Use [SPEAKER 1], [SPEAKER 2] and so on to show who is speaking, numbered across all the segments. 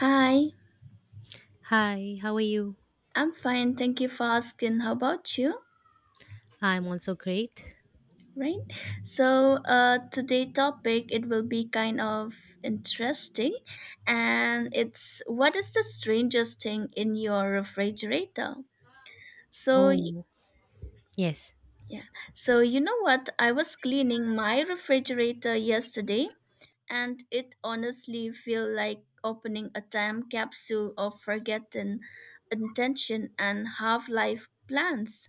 [SPEAKER 1] Hi,
[SPEAKER 2] Hi, how are you?
[SPEAKER 1] I'm fine. Thank you for asking. How about you?
[SPEAKER 2] I'm also great.
[SPEAKER 1] Right. Today topic it will be kind of interesting, and it's what is the strangest thing in your refrigerator? So y-
[SPEAKER 2] Oh, yes.
[SPEAKER 1] yeah. So you know what? I was cleaning my refrigerator yesterday, and it honestly feel like opening a time capsule of forgotten intention and half life plans.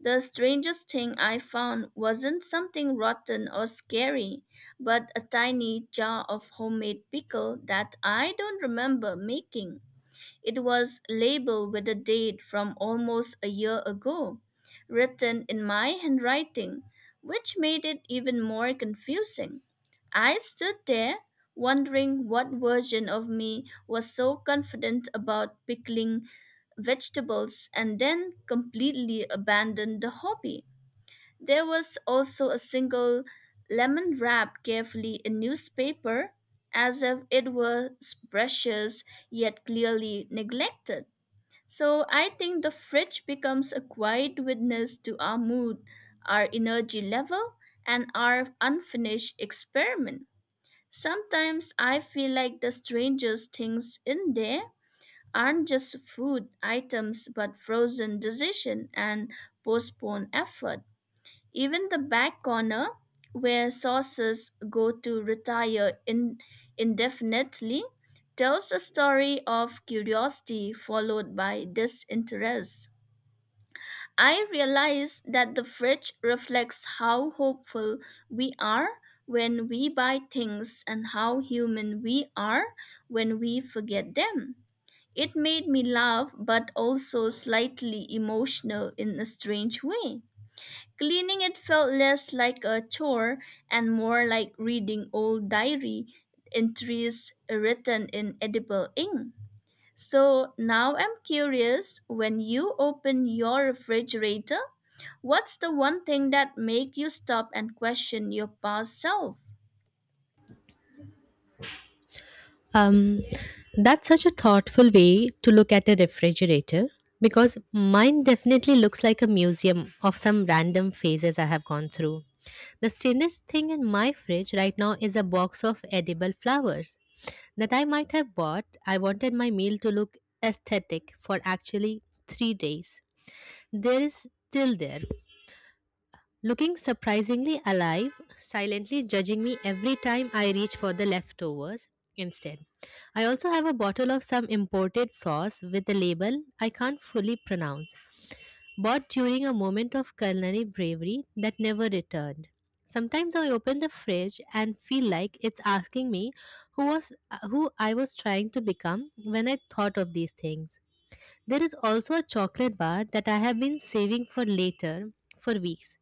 [SPEAKER 1] The strangest thing I found wasn't something rotten or scary, but a tiny jar of homemade pickle that I don't remember making. It was labeled with a date from almost a year ago, written in my handwriting, which made it even more confusing. I stood there wondering what version of me was so confident about pickling vegetables and then completely abandoned the hobby. There was also a single lemon wrapped carefully in newspaper, as if it was precious yet clearly neglected. So I think the fridge becomes a quiet witness to our mood, our energy level, and our unfinished experiment. Sometimes I feel like the strangest things in there aren't just food items but frozen decision and postponed effort. Even the back corner where sources go to retire in, indefinitely tells a story of curiosity followed by disinterest. I realize that the fridge reflects how hopeful we are when we buy things and how human we are when we forget them. It made me laugh but also slightly emotional in a strange way. Cleaning it felt less like a chore and more like reading old diary entries written in edible ink. So now I'm curious when you open your refrigerator, what's the one thing that make you stop and question your past self?
[SPEAKER 2] Um, that's such a thoughtful way to look at a refrigerator because mine definitely looks like a museum of some random phases I have gone through. The strangest thing in my fridge right now is a box of edible flowers that I might have bought. I wanted my meal to look aesthetic for actually 3 days. There is still there, looking surprisingly alive, silently judging me every time I reach for the leftovers instead. I also have a bottle of some imported sauce with a label I can't fully pronounce, bought during a moment of culinary bravery that never returned. Sometimes I open the fridge and feel like it's asking me who was who I was trying to become when I thought of these things. There is also a chocolate bar that I have been saving for later for weeks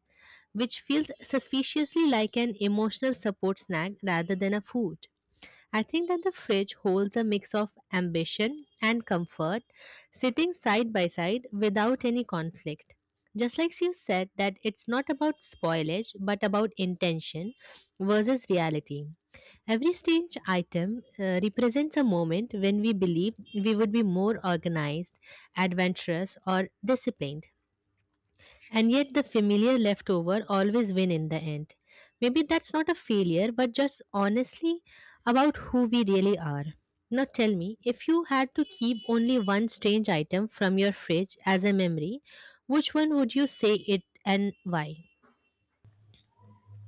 [SPEAKER 2] which feels suspiciously like an emotional support snack rather than a food. I think that the fridge holds a mix of ambition and comfort, sitting side by side without any conflict. Just like you said, that it's not about spoilage but about intention versus reality. Every strange item represents a moment when we believe we would be more organized, adventurous, or disciplined. And yet the familiar leftover always win in the end. Maybe that's not a failure, but just honestly about who we really are. Now tell me, if you had to keep only one strange item from your fridge as a memory, which one would you say it and why?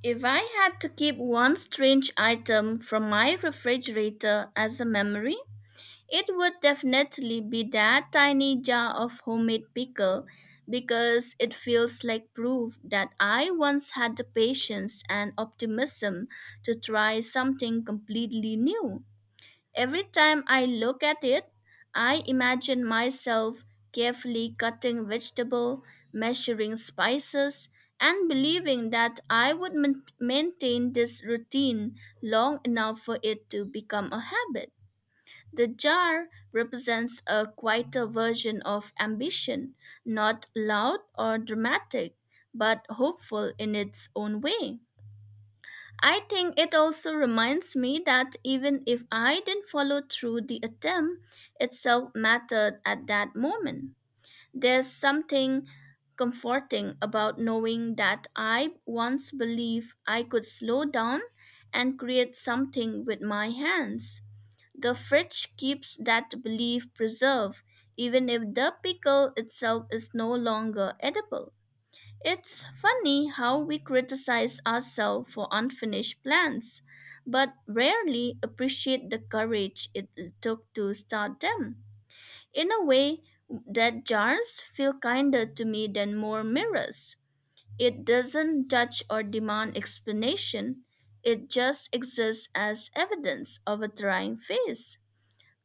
[SPEAKER 1] If I had to keep one strange item from my refrigerator as a memory, it would definitely be that tiny jar of homemade pickle because it feels like proof that I once had the patience and optimism to try something completely new. Every time I look at it, I imagine myself carefully cutting vegetable, measuring spices, and believing that I would maintain this routine long enough for it to become a habit. The jar represents a quieter version of ambition, not loud or dramatic, but hopeful in its own way. I think it also reminds me that even if I didn't follow through the attempt, itself mattered at that moment. There's something comforting about knowing that I once believed I could slow down and create something with my hands. The fridge keeps that belief preserved, even if the pickle itself is no longer edible. It's funny how we criticize ourselves for unfinished plans, but rarely appreciate the courage it took to start them. In a way, that jars feel kinder to me than more mirrors. It doesn't judge or demand explanation, it just exists as evidence of a trying phase.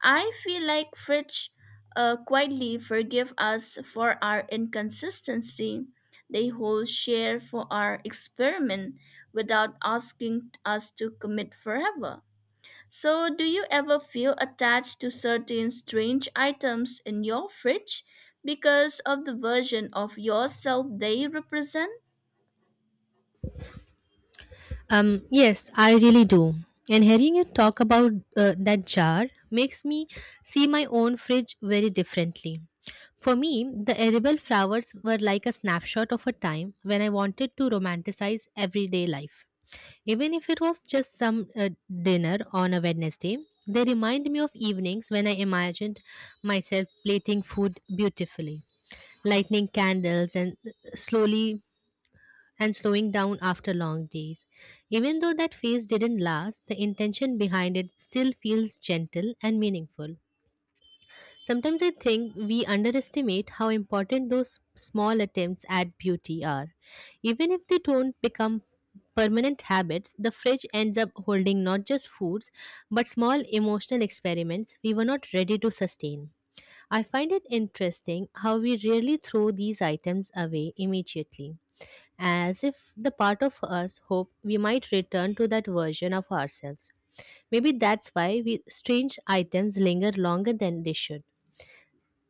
[SPEAKER 1] I feel like Fridge quietly forgive us for our inconsistency. They hold share for our experiment without asking us to commit forever. So, do you ever feel attached to certain strange items in your fridge because of the version of yourself they represent?
[SPEAKER 2] Yes, I really do. And hearing you talk about that jar makes me see my own fridge very differently. For me, the edible flowers were like a snapshot of a time when I wanted to romanticize everyday life. Even if it was just some dinner on a Wednesday, they remind me of evenings when I imagined myself plating food beautifully, lighting candles, and slowly and slowing down after long days. Even though that phase didn't last, the intention behind it still feels gentle and meaningful. Sometimes I think we underestimate how important those small attempts at beauty are. Even if they don't become permanent habits, the fridge ends up holding not just foods but small emotional experiments we were not ready to sustain. I find it interesting how we rarely throw these items away immediately as if the part of us hope we might return to that version of ourselves. Maybe that's why we, strange items linger longer than they should.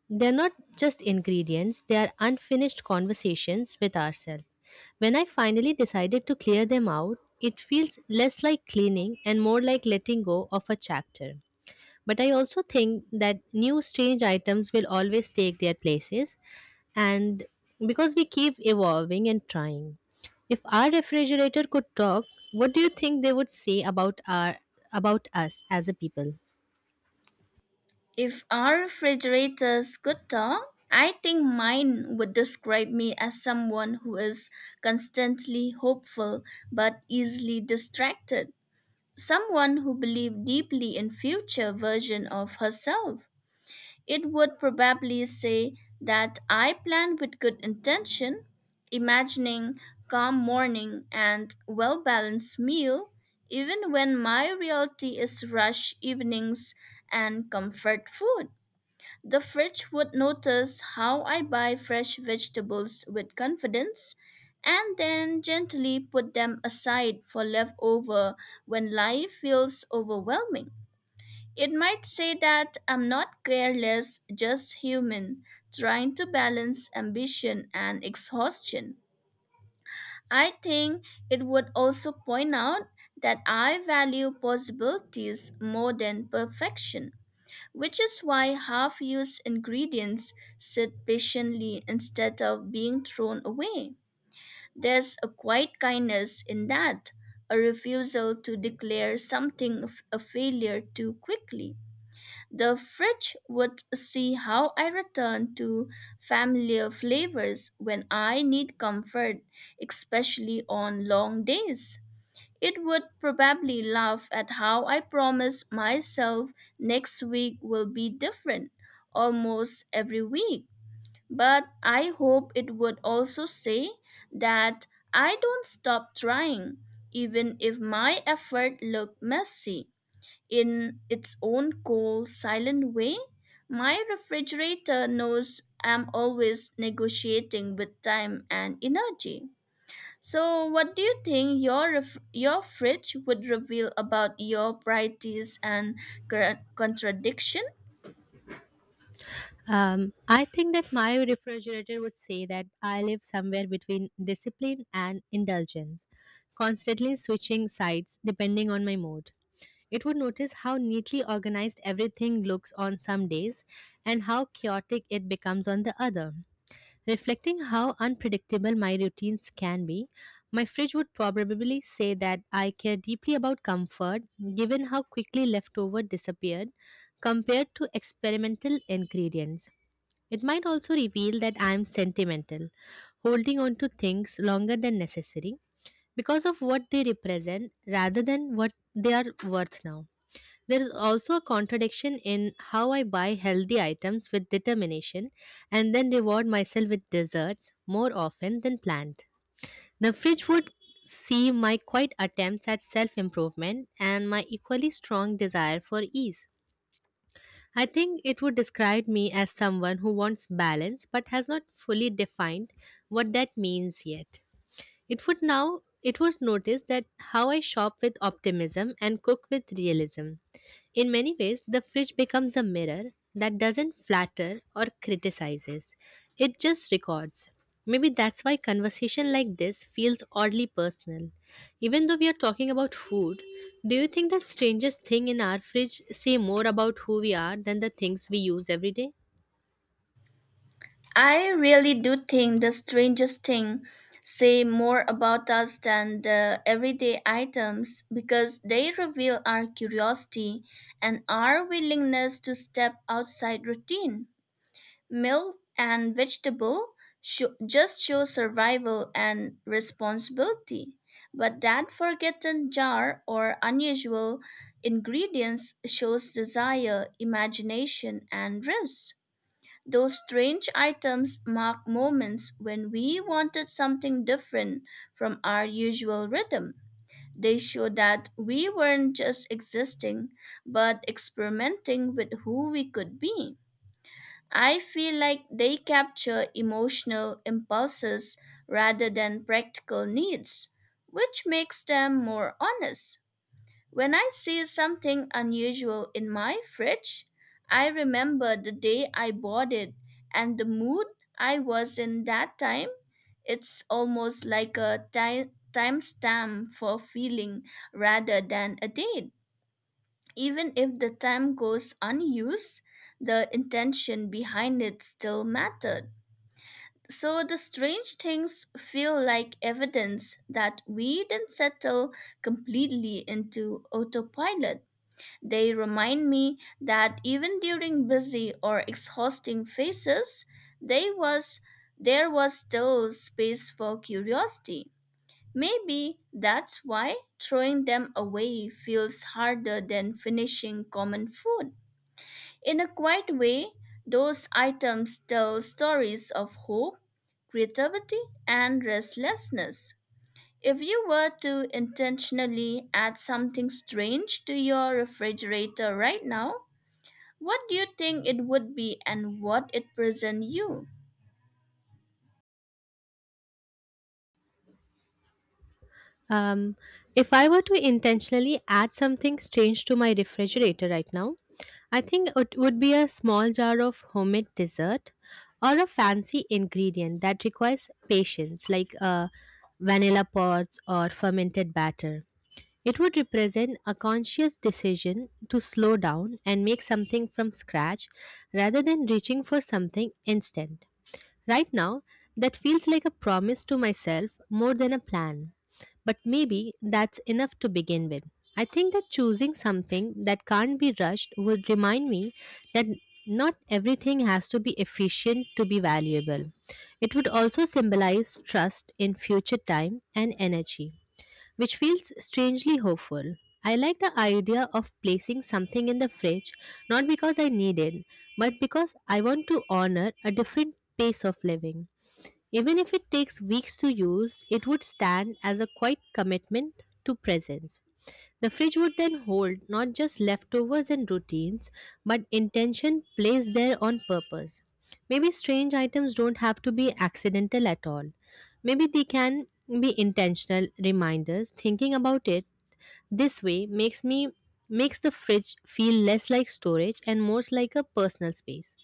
[SPEAKER 2] They're not just ingredients, they are unfinished conversations with ourselves. When I finally decided to clear them out, it feels less like cleaning and more like letting go of a chapter. But I also think that new strange items will always take their places, and because we keep evolving and trying. If our refrigerator could talk, what do you think they would say about our about us as a people?
[SPEAKER 1] If our refrigerators could talk, I think mine would describe me as someone who is constantly hopeful but easily distracted, someone who believes deeply in future version of herself. It would probably say that I planned with good intention, imagining calm morning and well-balanced meal, even when my reality is rush evenings and comfort food. The fridge would notice how I buy fresh vegetables with confidence and then gently put them aside for leftover when life feels overwhelming. It might say that I'm not careless, just human, trying to balance ambition and exhaustion. I think it would also point out that I value possibilities more than perfection, which is why half used ingredients sit patiently instead of being thrown away. There's a quiet kindness in that, a refusal to declare something a failure too quickly. The fridge would see how I return to familiar flavors when I need comfort, especially on long days. It would probably laugh at how I promise myself next week will be different almost every week. But I hope it would also say that I don't stop trying, even if my effort look messy in its own cool, silent way. My refrigerator knows I'm always negotiating with time and energy. So, what do you think your your fridge would reveal about your priorities and contradiction?
[SPEAKER 2] I think that my refrigerator would say that I live somewhere between discipline and indulgence, constantly switching sides depending on my mood. It would notice how neatly organized everything looks on some days and how chaotic it becomes on the other. Reflecting how unpredictable my routines can be, my fridge would probably say that I care deeply about comfort given how quickly leftover disappeared compared to experimental ingredients. It might also reveal that I am sentimental, holding on to things longer than necessary because of what they represent rather than what they are worth now. There is also a contradiction in how I buy healthy items with determination and then reward myself with desserts more often than planned. The fridge would see my quiet attempts at self improvement and my equally strong desire for ease. I think it would describe me as someone who wants balance but has not fully defined what that means yet. It would now it was noticed that how I shop with optimism and cook with realism. In many ways, the fridge becomes a mirror that doesn't flatter or criticizes. It just records. Maybe that's why conversation like this feels oddly personal. Even though we are talking about food, do you think that strangest thing in our fridge say more about who we are than the things we use every day?
[SPEAKER 1] I really do think the strangest thing say more about us than the everyday items because they reveal our curiosity and our willingness to step outside routine. Milk and vegetable just show survival and responsibility, but that forgotten jar or unusual ingredients shows desire, imagination and risk. Those strange items mark moments when we wanted something different from our usual rhythm. They show that we weren't just existing, but experimenting with who we could be. I feel like they capture emotional impulses rather than practical needs, which makes them more honest. When I see something unusual in my fridge, I remember the day I bought it and the mood I was in that time. It's almost like a timestamp for feeling rather than a date. Even if the time goes unused, the intention behind it still mattered. So the strange things feel like evidence that we didn't settle completely into autopilot. They remind me that even during busy or exhausting phases, they was, there was still space for curiosity. Maybe that's why throwing them away feels harder than finishing common food. In a quiet way, those items tell stories of hope, creativity, and restlessness. If you were to intentionally add something strange to your refrigerator right now, what do you think it would be and what it present you?
[SPEAKER 2] Um, if I were to intentionally add something strange to my refrigerator right now, I think it would be a small jar of homemade dessert or a fancy ingredient that requires patience, like vanilla pods or fermented batter. It would represent a conscious decision to slow down and make something from scratch rather than reaching for something instant. Right now, that feels like a promise to myself more than a plan. But maybe that's enough to begin with. I think that choosing something that can't be rushed would remind me that not everything has to be efficient to be valuable. It would also symbolize trust in future time and energy which feels strangely hopeful. I like the idea of placing something in the fridge, not because I need it, but because I want to honor a different pace of living. Even if it takes weeks to use, it would stand as a quiet commitment to presence. The fridge would then hold not just leftovers and routines, but intention placed there on purpose. Maybe strange items don't have to be accidental at all. Maybe they can be intentional reminders. Thinking about it this way makes me makes the fridge feel less like storage and more like a personal space.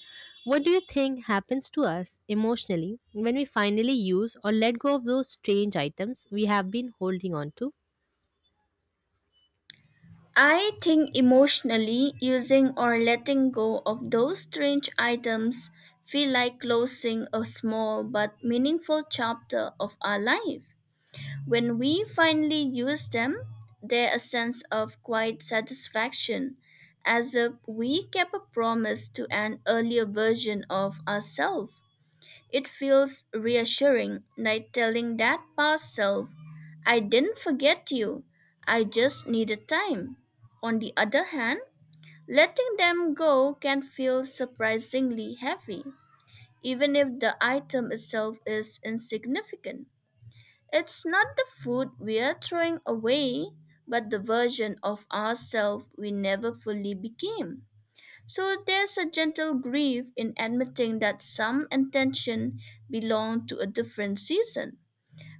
[SPEAKER 2] What do you think happens to us emotionally when we finally use or let go of those strange items we have been holding on to?
[SPEAKER 1] I think emotionally using or letting go of those strange items feel like closing a small but meaningful chapter of our life. When we finally use them, there's a sense of quiet satisfaction as if we kept a promise to an earlier version of ourselves. It feels reassuring, like telling that past self, I didn't forget you, I just needed time. On the other hand, letting them go can feel surprisingly heavy, even if the item itself is insignificant. It's not the food we are throwing away, but the version of ourselves we never fully became. So there's a gentle grief in admitting that some intention belong to a different season.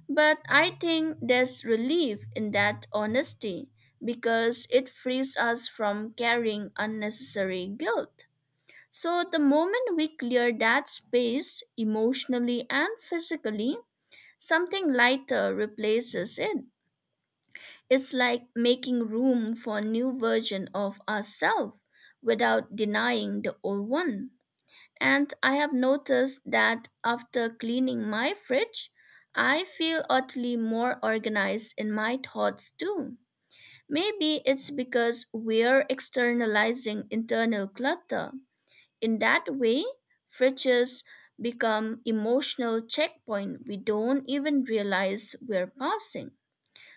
[SPEAKER 1] But I think there's relief in that honesty because it frees us from carrying unnecessary guilt. So the moment we clear that space emotionally and physically, something lighter replaces it. It's like making room for a new version of ourselves without denying the old one. And I have noticed that after cleaning my fridge, I feel utterly more organized in my thoughts too. Maybe it's because we're externalizing internal clutter. In that way, fridges become emotional checkpoint we don't even realize we're passing.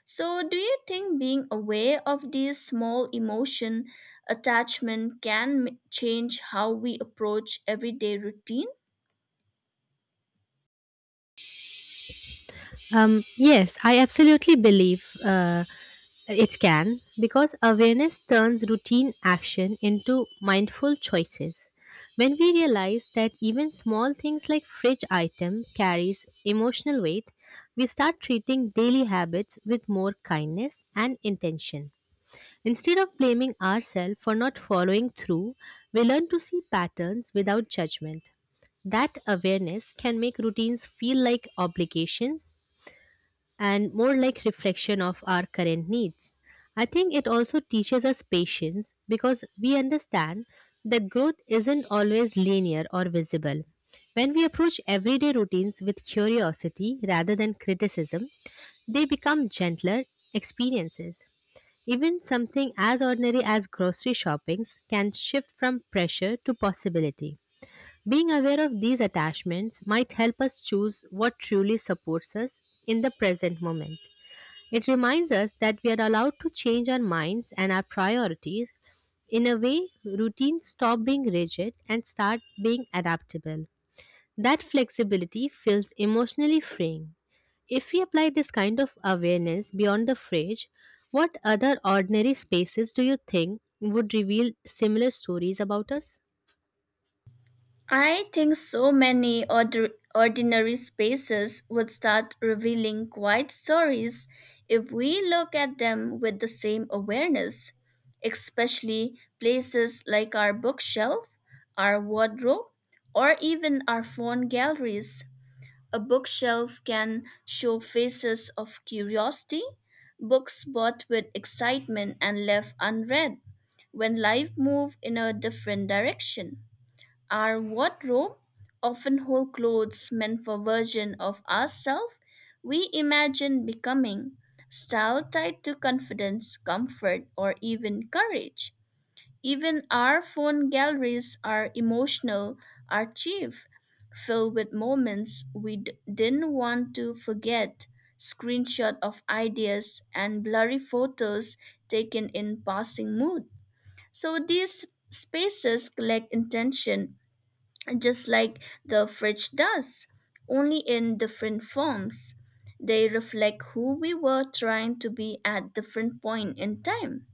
[SPEAKER 1] So do you think being aware of these small emotion attachment can change how we approach everyday routine?
[SPEAKER 2] Yes, I absolutely believe it can because awareness turns routine action into mindful choices. When we realize that even small things like fridge item carries emotional weight, we start treating daily habits with more kindness and intention. Instead of blaming ourselves for not following through, we learn to see patterns without judgment. That awareness can make routines feel like obligations and more like reflection of our current needs. I think it also teaches us patience because we understand that growth isn't always linear or visible. When we approach everyday routines with curiosity rather than criticism, they become gentler experiences. Even something as ordinary as grocery shoppings can shift from pressure to possibility. Being aware of these attachments might help us choose what truly supports us in the present moment. It reminds us that we are allowed to change our minds and our priorities. In a way, routines stop being rigid and start being adaptable. That flexibility feels emotionally freeing. If we apply this kind of awareness beyond the fridge, what other ordinary spaces do you think would reveal similar stories about us?
[SPEAKER 1] I think so many ordinary spaces would start revealing quiet stories if we look at them with the same awareness, especially places like our bookshelf, our wardrobe, or even our phone galleries. A bookshelf can show faces of curiosity, books bought with excitement and left unread, when life moved in a different direction. Our wardrobe often hold clothes meant for version of ourselves we imagine becoming, style tied to confidence, comfort, or even courage. Even our phone galleries are emotional archive, filled with moments we didn't want to forget, screenshot of ideas and blurry photos taken in passing mood. So these spaces collect intention just like the fridge does, only in different forms. They reflect who we were trying to be at different point in time.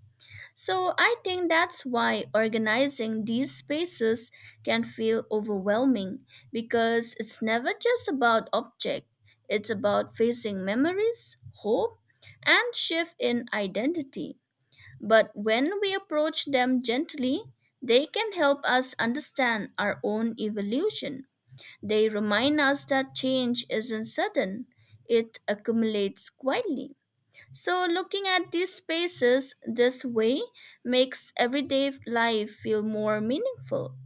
[SPEAKER 1] So I think that's why organizing these spaces can feel overwhelming because it's never just about object. It's about facing memories, hope, and shift in identity. But when we approach them gently, they can help us understand our own evolution. They remind us that change isn't sudden, it accumulates quietly. So, looking at these spaces this way makes everyday life feel more meaningful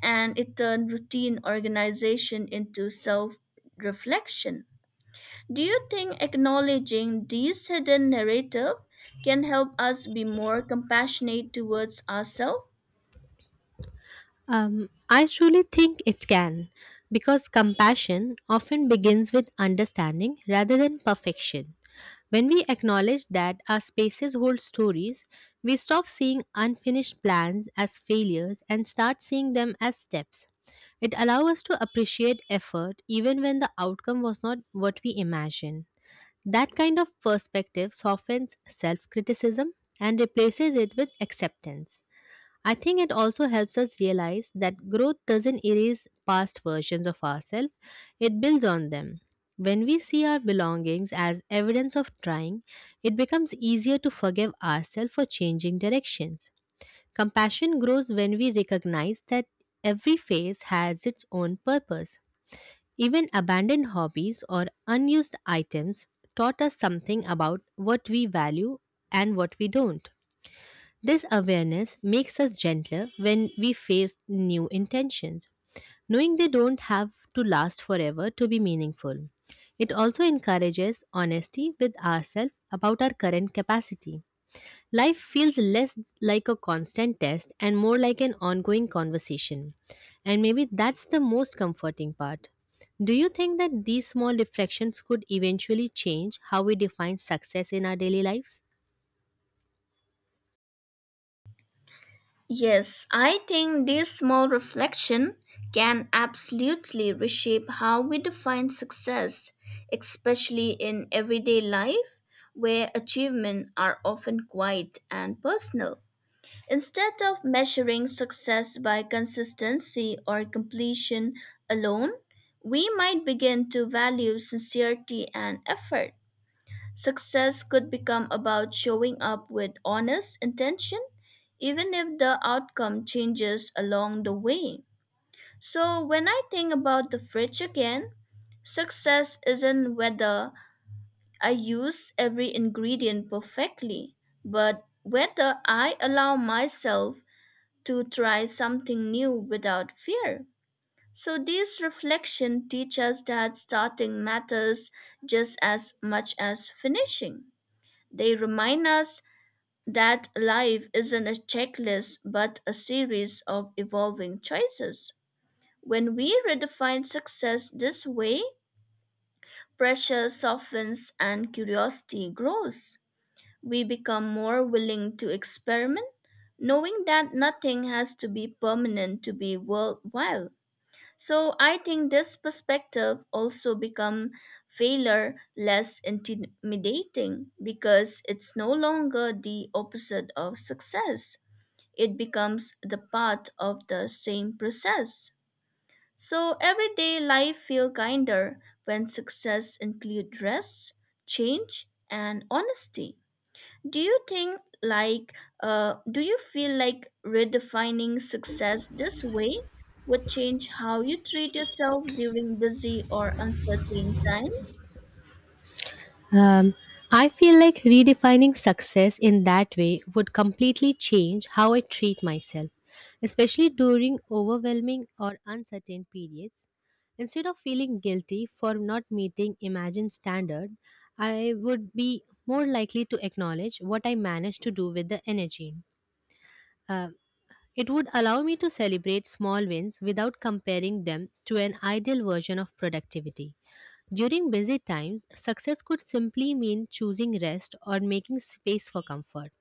[SPEAKER 1] and it turns routine organization into self reflection. Do you think acknowledging this hidden narrative can help us be more compassionate towards ourselves?
[SPEAKER 2] I truly think it can, because compassion often begins with understanding rather than perfection. When we acknowledge that our spaces hold stories, we stop seeing unfinished plans as failures and start seeing them as steps. It allows us to appreciate effort even when the outcome was not what we imagined. That kind of perspective softens self criticism and replaces it with acceptance. I think it also helps us realize that growth doesn't erase past versions of ourselves, it builds on them. When we see our belongings as evidence of trying, it becomes easier to forgive ourselves for changing directions. Compassion grows when we recognize that every phase has its own purpose. Even abandoned hobbies or unused items taught us something about what we value and what we don't. This awareness makes us gentler when we face new intentions, knowing they don't have to last forever to be meaningful. It also encourages honesty with ourselves about our current capacity. Life feels less like a constant test and more like an ongoing conversation. And maybe that's the most comforting part. Do you think that these small reflections could eventually change how we define success in our daily lives?
[SPEAKER 1] Yes, I think this small reflection can absolutely reshape how we define success, especially in everyday life where achievements are often quiet and personal. Instead of measuring success by consistency or completion alone, we might begin to value sincerity and effort. Success could become about showing up with honest intention, even if the outcome changes along the way. So, when I think about the fridge again, success isn't whether I use every ingredient perfectly, but whether I allow myself to try something new without fear. So these reflection teach us that starting matters just as much as finishing. They remind us that life isn't a checklist but a series of evolving choices. When we redefine success this way, pressure softens and curiosity grows. We become more willing to experiment, knowing that nothing has to be permanent to be worthwhile. So I think this perspective also become failure less intimidating because it's no longer the opposite of success. It becomes the part of the same process. So everyday life feel kinder when success include rest, change, and honesty. Do you think do you feel like redefining success this way would change how you treat yourself during busy or uncertain times?
[SPEAKER 2] Um, I feel like redefining success in that way would completely change how I treat myself, especially during overwhelming or uncertain periods. Instead of feeling guilty for not meeting imagined standard, I would be more likely to acknowledge what I managed to do with the energy. Uh, it would allow me to celebrate small wins without comparing them to an ideal version of productivity. During busy times, success could simply mean choosing rest or making space for comfort.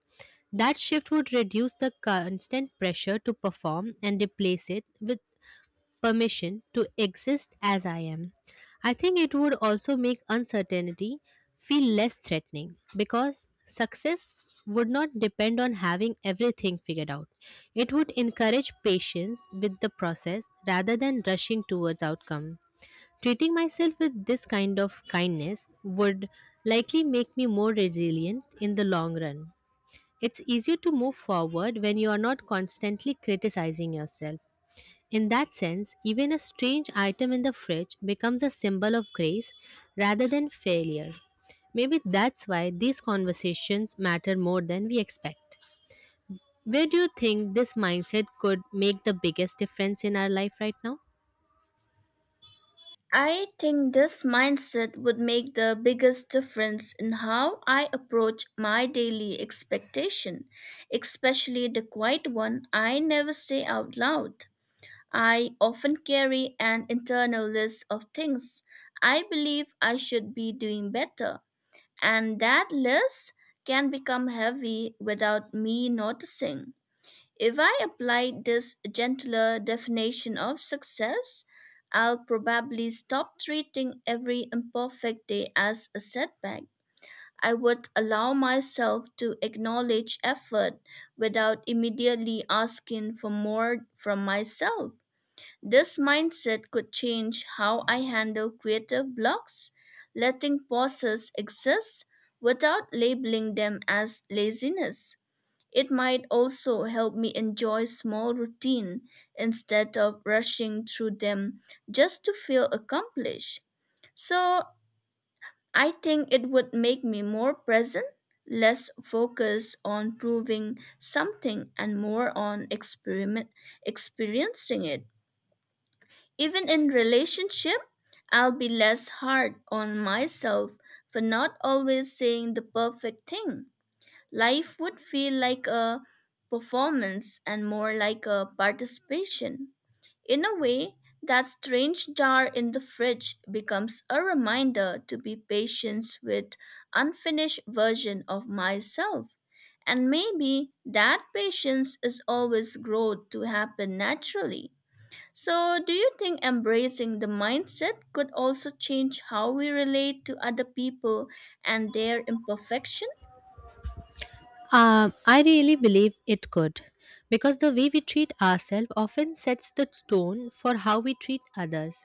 [SPEAKER 2] That shift would reduce the constant pressure to perform and replace it with permission to exist as I am. I think it would also make uncertainty feel less threatening because success would not depend on having everything figured out. It would encourage patience with the process rather than rushing towards outcome. Treating myself with this kind of kindness would likely make me more resilient in the long run. It's easier to move forward when you are not constantly criticizing yourself. In that sense, even a strange item in the fridge becomes a symbol of grace rather than failure. Maybe that's why these conversations matter more than we expect. Where do you think this mindset could make the biggest difference in our life right now?
[SPEAKER 1] I think this mindset would make the biggest difference in how I approach my daily expectation, especially the quiet one I never say out loud. I often carry an internal list of things I believe I should be doing better. And that list can become heavy without me noticing. If I applied this gentler definition of success, I'll probably stop treating every imperfect day as a setback. I would allow myself to acknowledge effort without immediately asking for more from myself. This mindset could change how I handle creative blocks, letting pauses exist without labeling them as laziness. It might also help me enjoy small routine instead of rushing through them just to feel accomplished. So, I think it would make me more present, less focused on proving something and more on experiment experiencing it. Even in relationship, I'll be less hard on myself for not always saying the perfect thing. Life would feel like a performance and more like a participation. In a way, that strange jar in the fridge becomes a reminder to be patient with unfinished version of myself. And maybe that patience is always growth to happen naturally. So, do you think embracing the mindset could also change how we relate to other people and their imperfection?
[SPEAKER 2] I really believe it could, because the way we treat ourselves often sets the tone for how we treat others.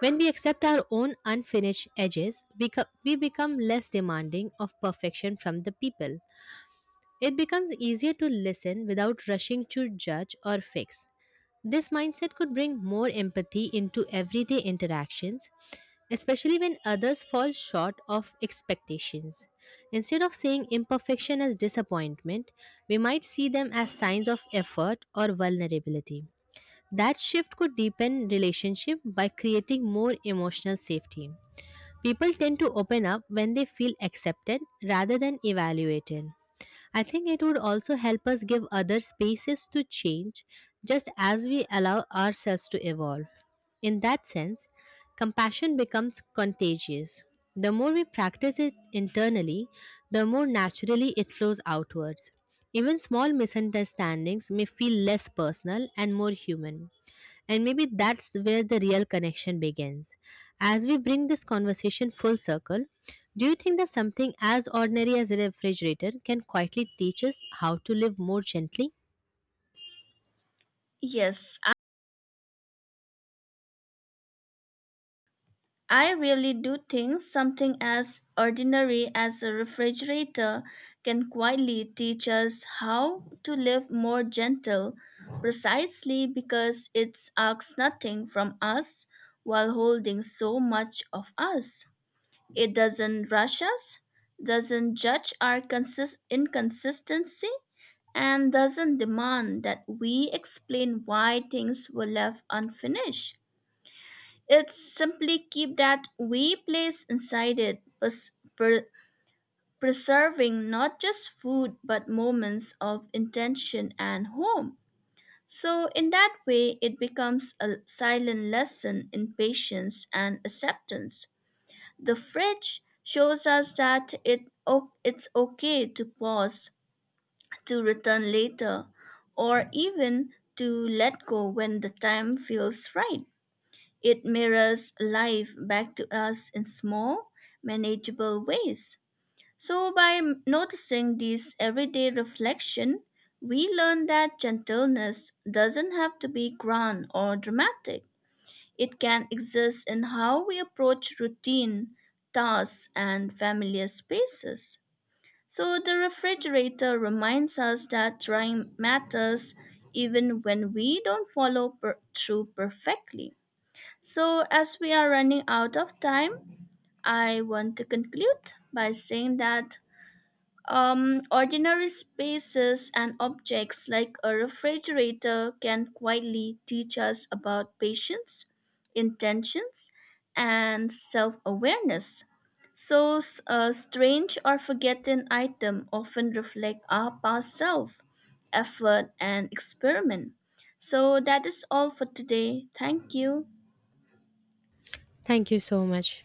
[SPEAKER 2] When we accept our own unfinished edges, we become less demanding of perfection from the people. It becomes easier to listen without rushing to judge or fix. This mindset could bring more empathy into everyday interactions, especially when others fall short of expectations. Instead of seeing imperfection as disappointment, we might see them as signs of effort or vulnerability. That shift could deepen relationship by creating more emotional safety. People tend to open up when they feel accepted rather than evaluated. I think it would also help us give other spaces to change just as we allow ourselves to evolve. In that sense, compassion becomes contagious. The more we practice it internally, the more naturally it flows outwards. Even small misunderstandings may feel less personal and more human. And maybe that's where the real connection begins. As we bring this conversation full circle, do you think that something as ordinary as a refrigerator can quietly teach us how to live more gently?
[SPEAKER 1] Yes, I really do think something as ordinary as a refrigerator can quietly teach us how to live more gentle, precisely because it asks nothing from us while holding so much of us. It doesn't rush us, doesn't judge our inconsistency, and doesn't demand that we explain why things were left unfinished. It simply keeps that we place inside it, pre- preserving not just food but moments of intention and home. So, in that way, it becomes a silent lesson in patience and acceptance. The fridge shows us that it's okay to pause, to return later, or even to let go when the time feels right. It mirrors life back to us in small, manageable ways. So, by noticing these everyday reflection, we learn that gentleness doesn't have to be grand or dramatic. It can exist in how we approach routine, tasks, and familiar spaces. So the refrigerator reminds us that trying matters even when we don't follow through perfectly. So as we are running out of time, I want to conclude by saying that ordinary spaces and objects like a refrigerator can quietly teach us about patience, intentions, and self awareness. So, a strange or forgotten item often reflect our past self, effort, and experiment. So, that is all for today. Thank you.
[SPEAKER 2] Thank you so much.